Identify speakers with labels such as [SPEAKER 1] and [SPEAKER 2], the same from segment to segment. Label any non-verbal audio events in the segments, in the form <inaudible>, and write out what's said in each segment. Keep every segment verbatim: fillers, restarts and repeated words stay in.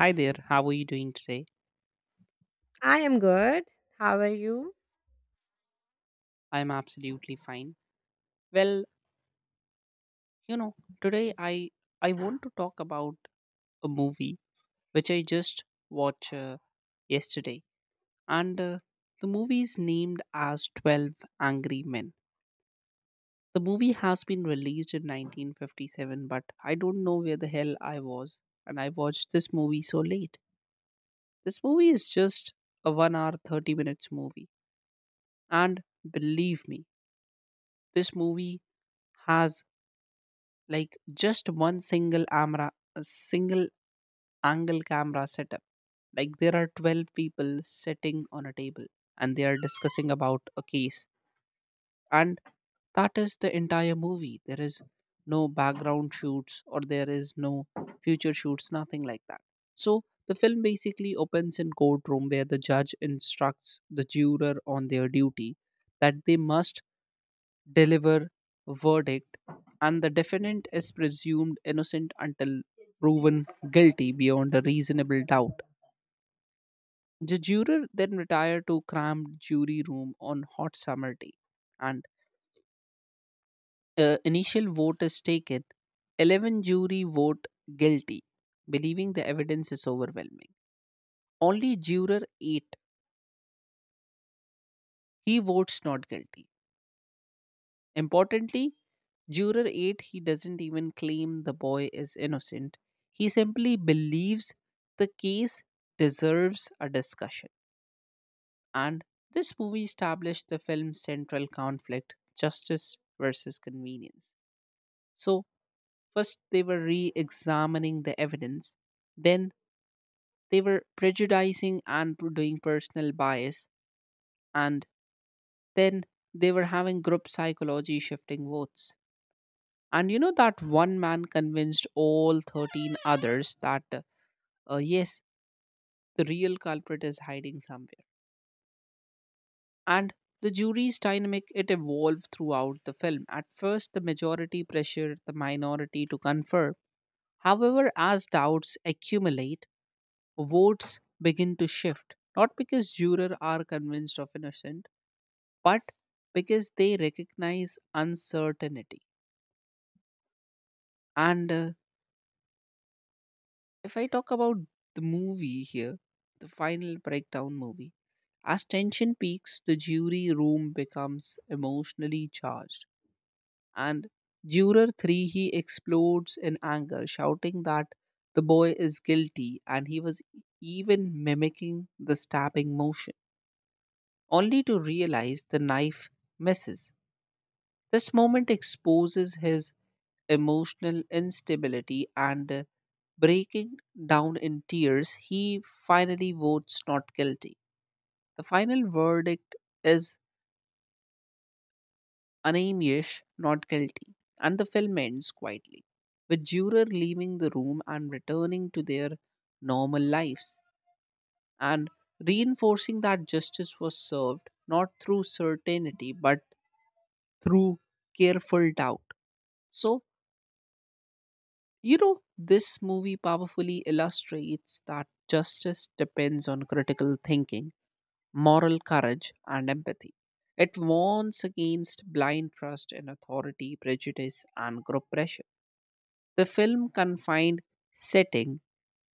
[SPEAKER 1] Hi there, how are you doing today?
[SPEAKER 2] I am good. How are you?
[SPEAKER 1] I'm absolutely fine. Well, you know, today I I want to talk about a movie which I just watched uh, yesterday, and uh, the movie is named as Twelve Angry Men. The movie has been released in nineteen fifty-seven, but I don't know where the hell I was, and I watched this movie so late. This movie is just a one hour thirty minutes movie, and believe me, this movie has like just one single camera, a single angle camera setup. Like there are twelve people sitting on a table and they are discussing about a case, and that is the entire movie. There is no background shoots or there is no future shoots, nothing like that. So the film basically opens in courtroom where the judge instructs the juror on their duty, that they must deliver verdict and the defendant is presumed innocent until proven guilty beyond a reasonable doubt. The juror then retire to cramped jury room on hot summer day, and uh, initial vote is taken. eleven jury vote guilty, believing the evidence is overwhelming. Only juror eight, he votes not guilty. Importantly, Juror eight, he doesn't even claim the boy is innocent. He simply believes the case deserves a discussion. And this movie established the film's central conflict, justice versus convenience. So, first they were re examining the evidence, then they were prejudicing and p- doing personal bias, and then they were having group psychology shifting votes. And you know that one man convinced all thirteen others that, uh, yes, the real culprit is hiding somewhere. And the jury's dynamic, it evolved throughout the film. At first, the majority pressured the minority to confer. However, as doubts accumulate, votes begin to shift. Not because jurors are convinced of innocent, but because they recognize uncertainty. And uh, if I talk about the movie here, the final breakdown movie, as tension peaks, the jury room becomes emotionally charged. And Juror three, he explodes in anger, shouting that the boy is guilty and he was e-, even mimicking the stabbing motion, only to realize the knife misses. This moment exposes his emotional instability, and uh, breaking down in tears, he finally votes not guilty. The final verdict is Anamiesh not guilty, and the film ends quietly, with juror leaving the room and returning to their normal lives, and reinforcing that justice was served not through certainty but through careful doubt. So, You know, this movie powerfully illustrates that justice depends on critical thinking, moral courage, and empathy. It warns against blind trust in authority, prejudice, and group pressure. The film confined setting,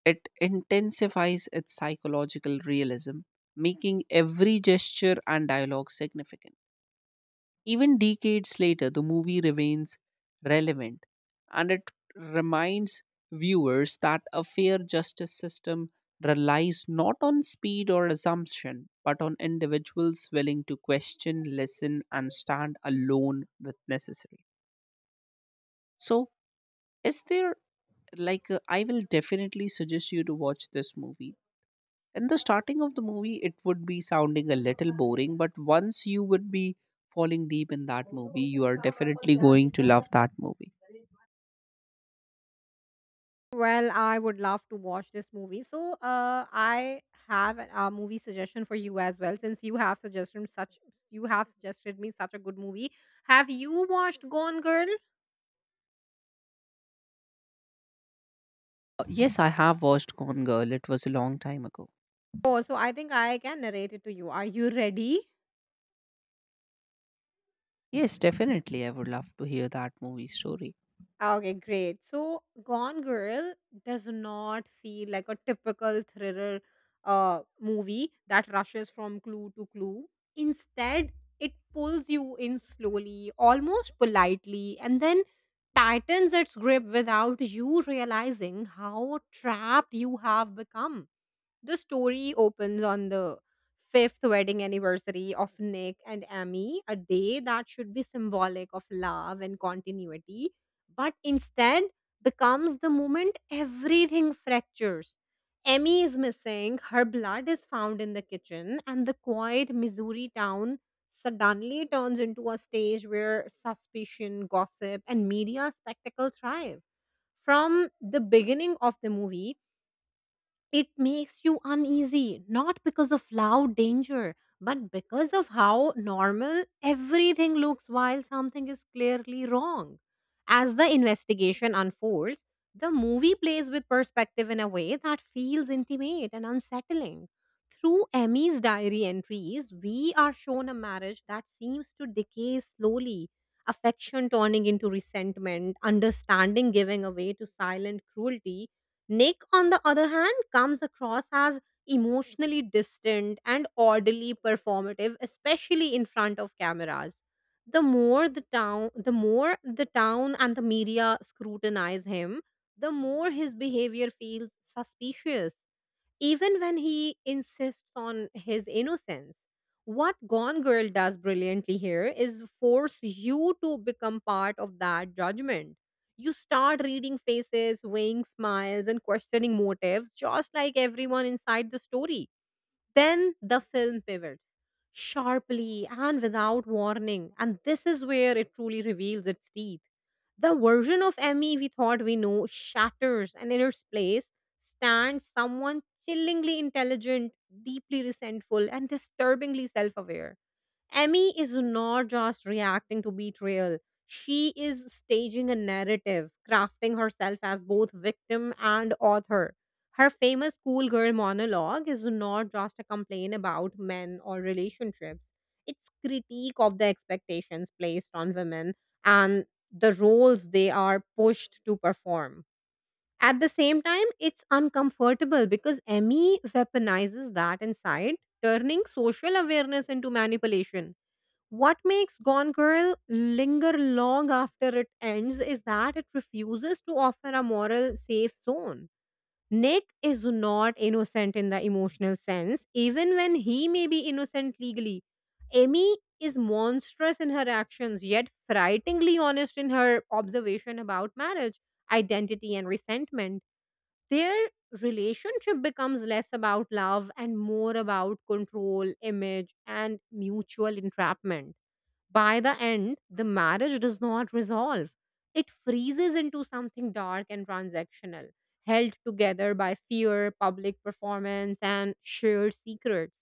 [SPEAKER 1] it intensifies its psychological realism, making every gesture and dialogue significant. Even decades later, the movie remains relevant and it reminds viewers that a fair justice system relies not on speed or assumption, but on individuals willing to question, listen, and stand alone with necessary. So, is there, like, uh, I will definitely suggest you to watch this movie. In the starting of the movie it would be sounding a little boring, but once you would be falling deep in that movie, you are definitely going to love that movie.
[SPEAKER 2] Well, I would love to watch this movie. So, uh, I have a a movie suggestion for you as well. Since you have suggested such, you have suggested me such a good movie. Have you watched Gone Girl?
[SPEAKER 1] Uh, yes, I have watched Gone Girl. It was a long time ago.
[SPEAKER 2] Oh, so I think I can narrate it to you. Are you ready?
[SPEAKER 1] Yes, definitely, I would love to hear that movie story.
[SPEAKER 2] Okay, great. So, Gone Girl does not feel like a typical thriller uh, movie that rushes from clue to clue. Instead, it pulls you in slowly, almost politely, and then tightens its grip without you realizing how trapped you have become. The story opens on the fifth wedding anniversary of Nick and Amy, a day that should be symbolic of love and continuity, but instead becomes the moment everything fractures. Emmy is missing, her blood is found in the kitchen, and the quiet Missouri town suddenly turns into a stage where suspicion, gossip, and media spectacle thrive. From the beginning of the movie, it makes you uneasy, not because of loud danger, but because of how normal everything looks while something is clearly wrong. As the investigation unfolds, the movie plays with perspective in a way that feels intimate and unsettling. Through Emmy's diary entries, we are shown a marriage that seems to decay slowly, affection turning into resentment, understanding giving away to silent cruelty. Nick, on the other hand, comes across as emotionally distant and oddly performative, especially in front of cameras. The more the town, the more the town and the media scrutinize him, the more his behavior feels suspicious even when he insists on his innocence. What Gone Girl does brilliantly here is force you to become part of that judgment. You start reading faces, weighing smiles, and questioning motives, just like everyone inside the story. Then the film pivots sharply and without warning, and this is where it truly reveals its teeth. The version of Emmy we thought we know shatters, and in its place stands someone chillingly intelligent, deeply resentful, and disturbingly self aware. Emmy is not just reacting to betrayal. She is staging a narrative, crafting herself as both victim and author. Her famous schoolgirl monologue is not just a complaint about men or relationships. It's critique of the expectations placed on women and the roles they are pushed to perform. At the same time, it's uncomfortable because Emmy weaponizes that insight, turning social awareness into manipulation. What makes Gone Girl linger long after it ends is that it refuses to offer a moral safe zone. Nick is not innocent in the emotional sense, even when he may be innocent legally. Amy is monstrous in her actions, yet frighteningly honest in her observation about marriage, identity, and resentment. Their relationship becomes less about love and more about control, image, and mutual entrapment. By the end, the marriage does not resolve. It freezes into something dark and transactional, held together by fear, public performance, and shared secrets.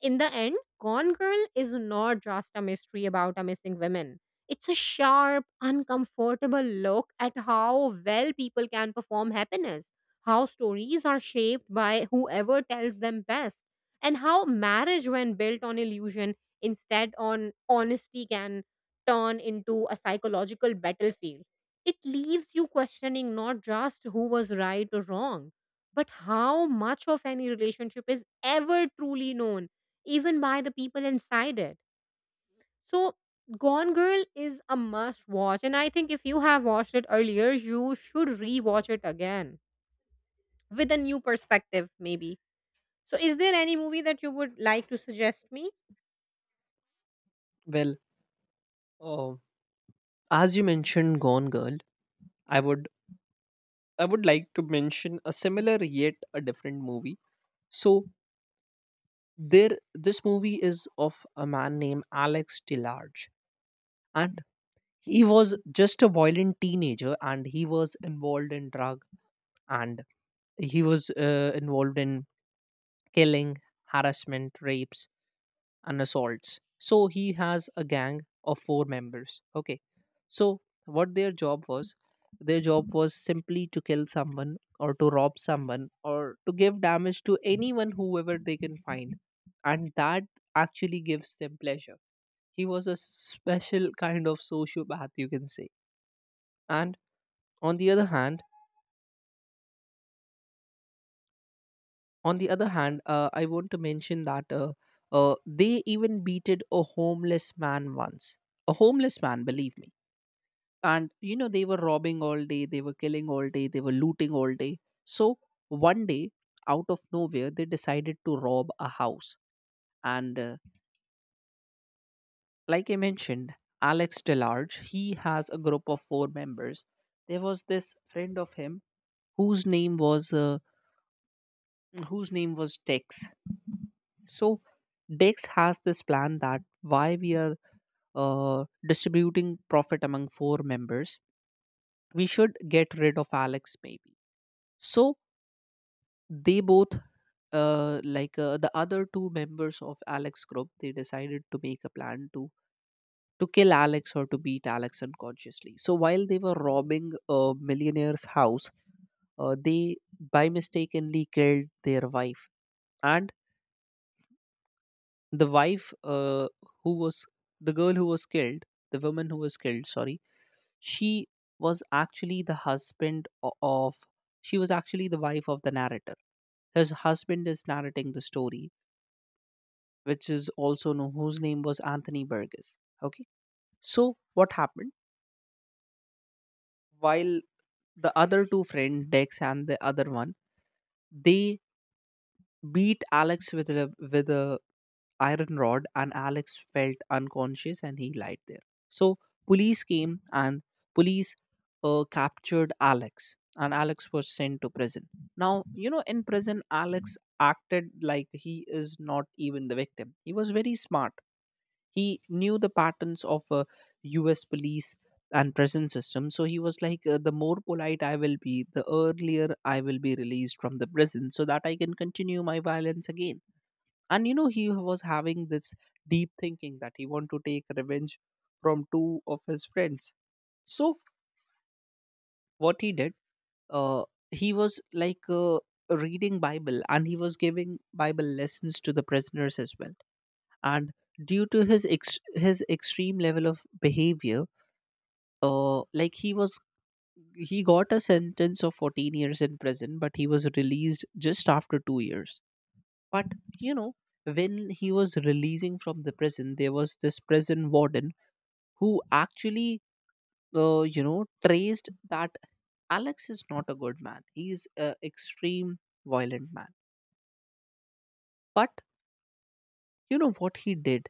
[SPEAKER 2] In the end, Gone Girl is not just a mystery about a missing woman. It's a sharp, uncomfortable look at how well people can perform happiness, how stories are shaped by whoever tells them best, and how marriage, when built on illusion instead on honesty, can turn into a psychological battlefield. It leaves you questioning not just who was right or wrong, but how much of any relationship is ever truly known even by the people inside it. So, Gone Girl is a must watch. And I think if you have watched it earlier, you should rewatch it again with a new perspective, maybe. So, is there any movie that you would like to suggest me?
[SPEAKER 1] Well, uh, as you mentioned Gone Girl, I would I would like to mention a similar yet a different movie. So there, this movie is of a man named Alex DeLarge, and he was just a violent teenager and he was involved in drug, and he was uh, involved in killing, harassment, rapes, and assaults. So he has a gang of four members. Okay. So what their job was, their job was simply to kill someone or to rob someone or to give damage to anyone whoever they can find. And that actually gives them pleasure. He was a special kind of sociopath, you can say. And on the other hand, on the other hand, uh, I want to mention that uh, uh, they even beated a homeless man once. A homeless man, believe me. And you know they were robbing all day, they were killing all day, they were looting all day. So one day out of nowhere they decided to rob a house. And uh, like I mentioned, Alex DeLarge, he has a group of four members. There was this friend of him whose name was uh, whose name was Dex. So Dex has this plan that why we are uh, distributing profit among four members, we should get rid of Alex, maybe. So they both, uh, like uh, the other two members of Alex group, they decided to make a plan to to kill Alex or to beat Alex unconsciously. So while they were robbing a millionaire's house, uh, they by mistakenly killed their wife, and the wife, uh, who was the girl who was killed, the woman who was killed, sorry, she was actually the husband o- of, she was actually the wife of the narrator. His husband is narrating the story, which is also known, whose name was Anthony Burgess. Okay. So what happened? While the other two friend, Dex and the other one, they beat Alex with a with a iron rod, and Alex felt unconscious and he lied there. So police came and police uh, captured Alex, and Alex was sent to prison. Now, you know, in prison, Alex acted like he is not even the victim. He was very smart. He knew the patterns of uh, U S police and prison system. So he was like, uh, the more polite I will be, the earlier I will be released from the prison so that I can continue my violence again. And you know, he was having this deep thinking that he want to take revenge from two of his friends. So what he did, uh, he was like uh, reading Bible, and he was giving Bible lessons to the prisoners as well. And due to his ex- his extreme level of behavior, uh, like he was he got a sentence of fourteen years in prison, but he was released just after two years. But you know when he was releasing from the prison, there was this prison warden who actually uh, you know traced that Alex is not a good man, he's an extreme violent man. But you know what he did,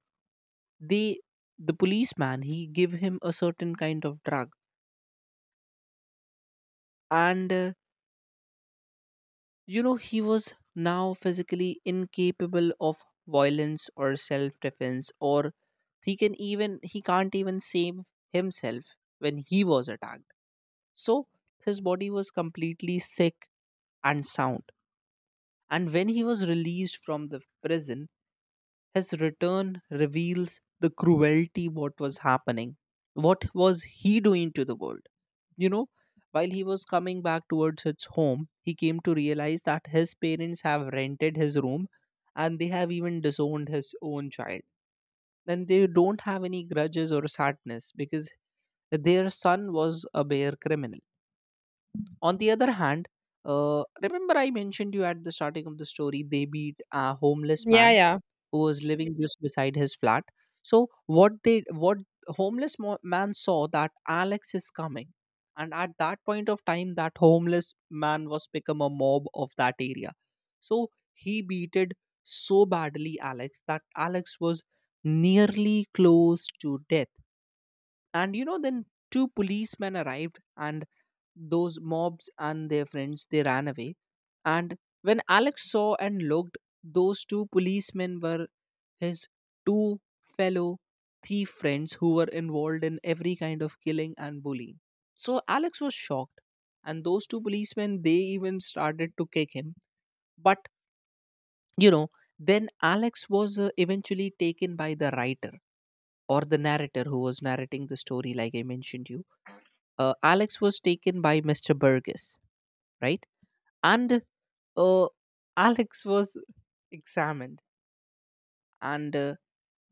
[SPEAKER 1] they the policeman, he gave him a certain kind of drug. And uh, You know, he was now physically incapable of violence or self defense, or he can even he can't even save himself when he was attacked. So his body was completely sick and sound. And when he was released from the prison, his return reveals the cruelty what was happening. What was he doing to the world? You know, while he was coming back towards his home, he came to realize that his parents have rented his room, and they have even disowned his own child. And they don't have any grudges or sadness because their son was a bare criminal. On the other hand, uh, remember I mentioned you at the starting of the story, they beat a homeless
[SPEAKER 2] Yeah,
[SPEAKER 1] man
[SPEAKER 2] yeah. <laughs>
[SPEAKER 1] who was living just beside his flat. So what they what homeless mo- man saw that Alex is coming, and at that point of time, that homeless man was become a mob of that area. So he beated so badly Alex that Alex was nearly close to death. And you know, then two policemen arrived, and those mobs and their friends they ran away. And when Alex saw and looked, those two policemen were his two fellow thief friends who were involved in every kind of killing and bullying. So Alex was shocked, and those two policemen they even started to kick him. But you know then Alex was uh, eventually taken by the writer or the narrator who was narrating the story, like I mentioned you. uh, Alex was taken by Mr. Burgess, right. And uh, Alex was examined, and uh,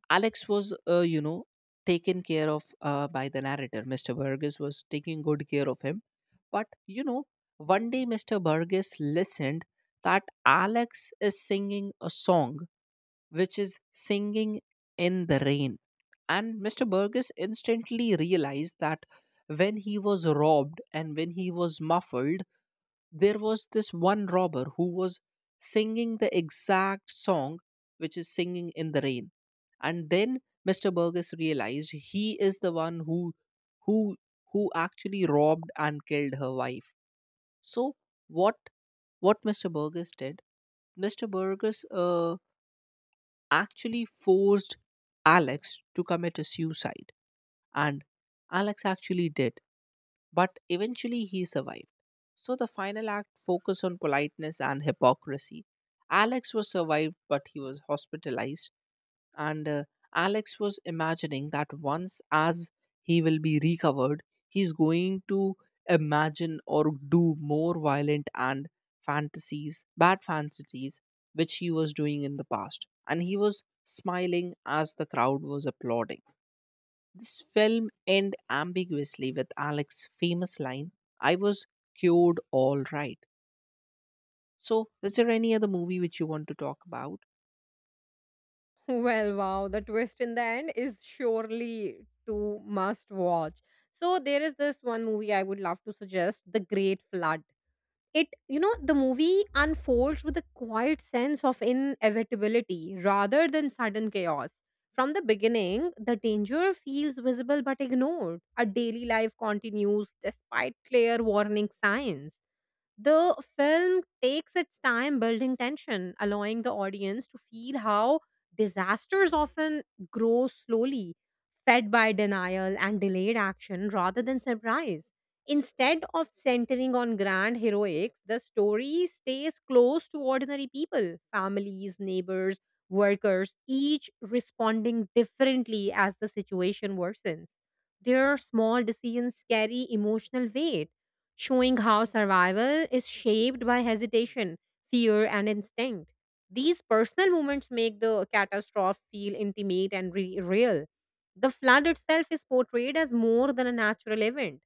[SPEAKER 1] Alex was uh, you know taken care of uh, by the narrator. Mr. Burgess was taking good care of him. But you know one day Mr. Burgess listened that Alex is singing a song, which is Singing in the Rain. And Mr. Burgess instantly realized that when he was robbed and when he was muffled, there was this one robber who was singing the exact song, which is Singing in the Rain. And then Mr. Burgess realized he is the one who who who actually robbed and killed her wife. So what what Mr. Burgess did, Mr. Burgess uh, actually forced Alex to commit a suicide. And Alex actually did, but eventually he survived. So the final act focused on politeness and hypocrisy. Alex was survived, but he was hospitalized. And uh, Alex was imagining that once as he will be recovered, he's going to imagine or do more violent and fantasies, bad fantasies, which he was doing in the past. And he was smiling as the crowd was applauding. This film end ambiguously with Alex's famous line, I was cured all right. So, is there any other movie which you want to talk about?
[SPEAKER 2] Well, wow, the twist in the end is surely to must watch. So, there is this one movie I would love to suggest, The Great Flood. it you know the movie unfolds with a quiet sense of inevitability rather than sudden chaos. From the beginning, the danger feels visible but ignored. A daily life continues despite clear warning signs. The film takes its time building tension, allowing the audience to feel how disasters often grow slowly, fed by denial and delayed action rather than surprise. Instead of centering on grand heroics, the story stays close to ordinary people, families, neighbors, workers, each responding differently as the situation worsens. Their small decisions carry emotional weight, showing how survival is shaped by hesitation, fear, and instinct. These personal moments make the catastrophe feel intimate and re- real. The flood itself is portrayed as more than a natural event.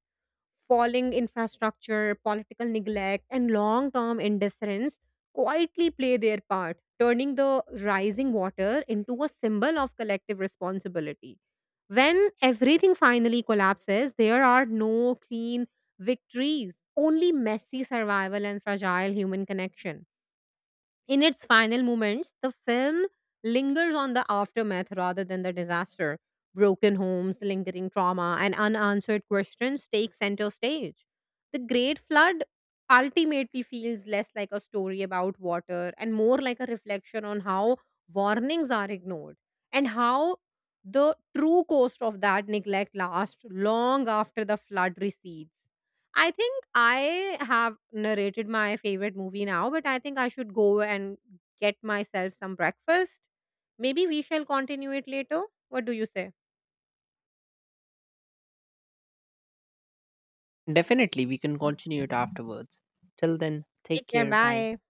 [SPEAKER 2] Falling infrastructure, political neglect, and long term indifference quietly play their part, turning the rising water into a symbol of collective responsibility. When everything finally collapses, there are no clean victories, only messy survival and fragile human connection. In its final moments, the film lingers on the aftermath rather than the disaster. Broken homes, lingering trauma, and unanswered questions take center stage. The Great Flood ultimately feels less like a story about water and more like a reflection on how warnings are ignored and how the true cost of that neglect lasts long after the flood recedes. I think I have narrated my favorite movie now, but I think I should go and get myself some breakfast. Maybe we shall continue it later. What do you say?
[SPEAKER 1] Definitely, we can continue it afterwards. Till then, take
[SPEAKER 2] Take care.
[SPEAKER 1] care. Bye.
[SPEAKER 2] Bye.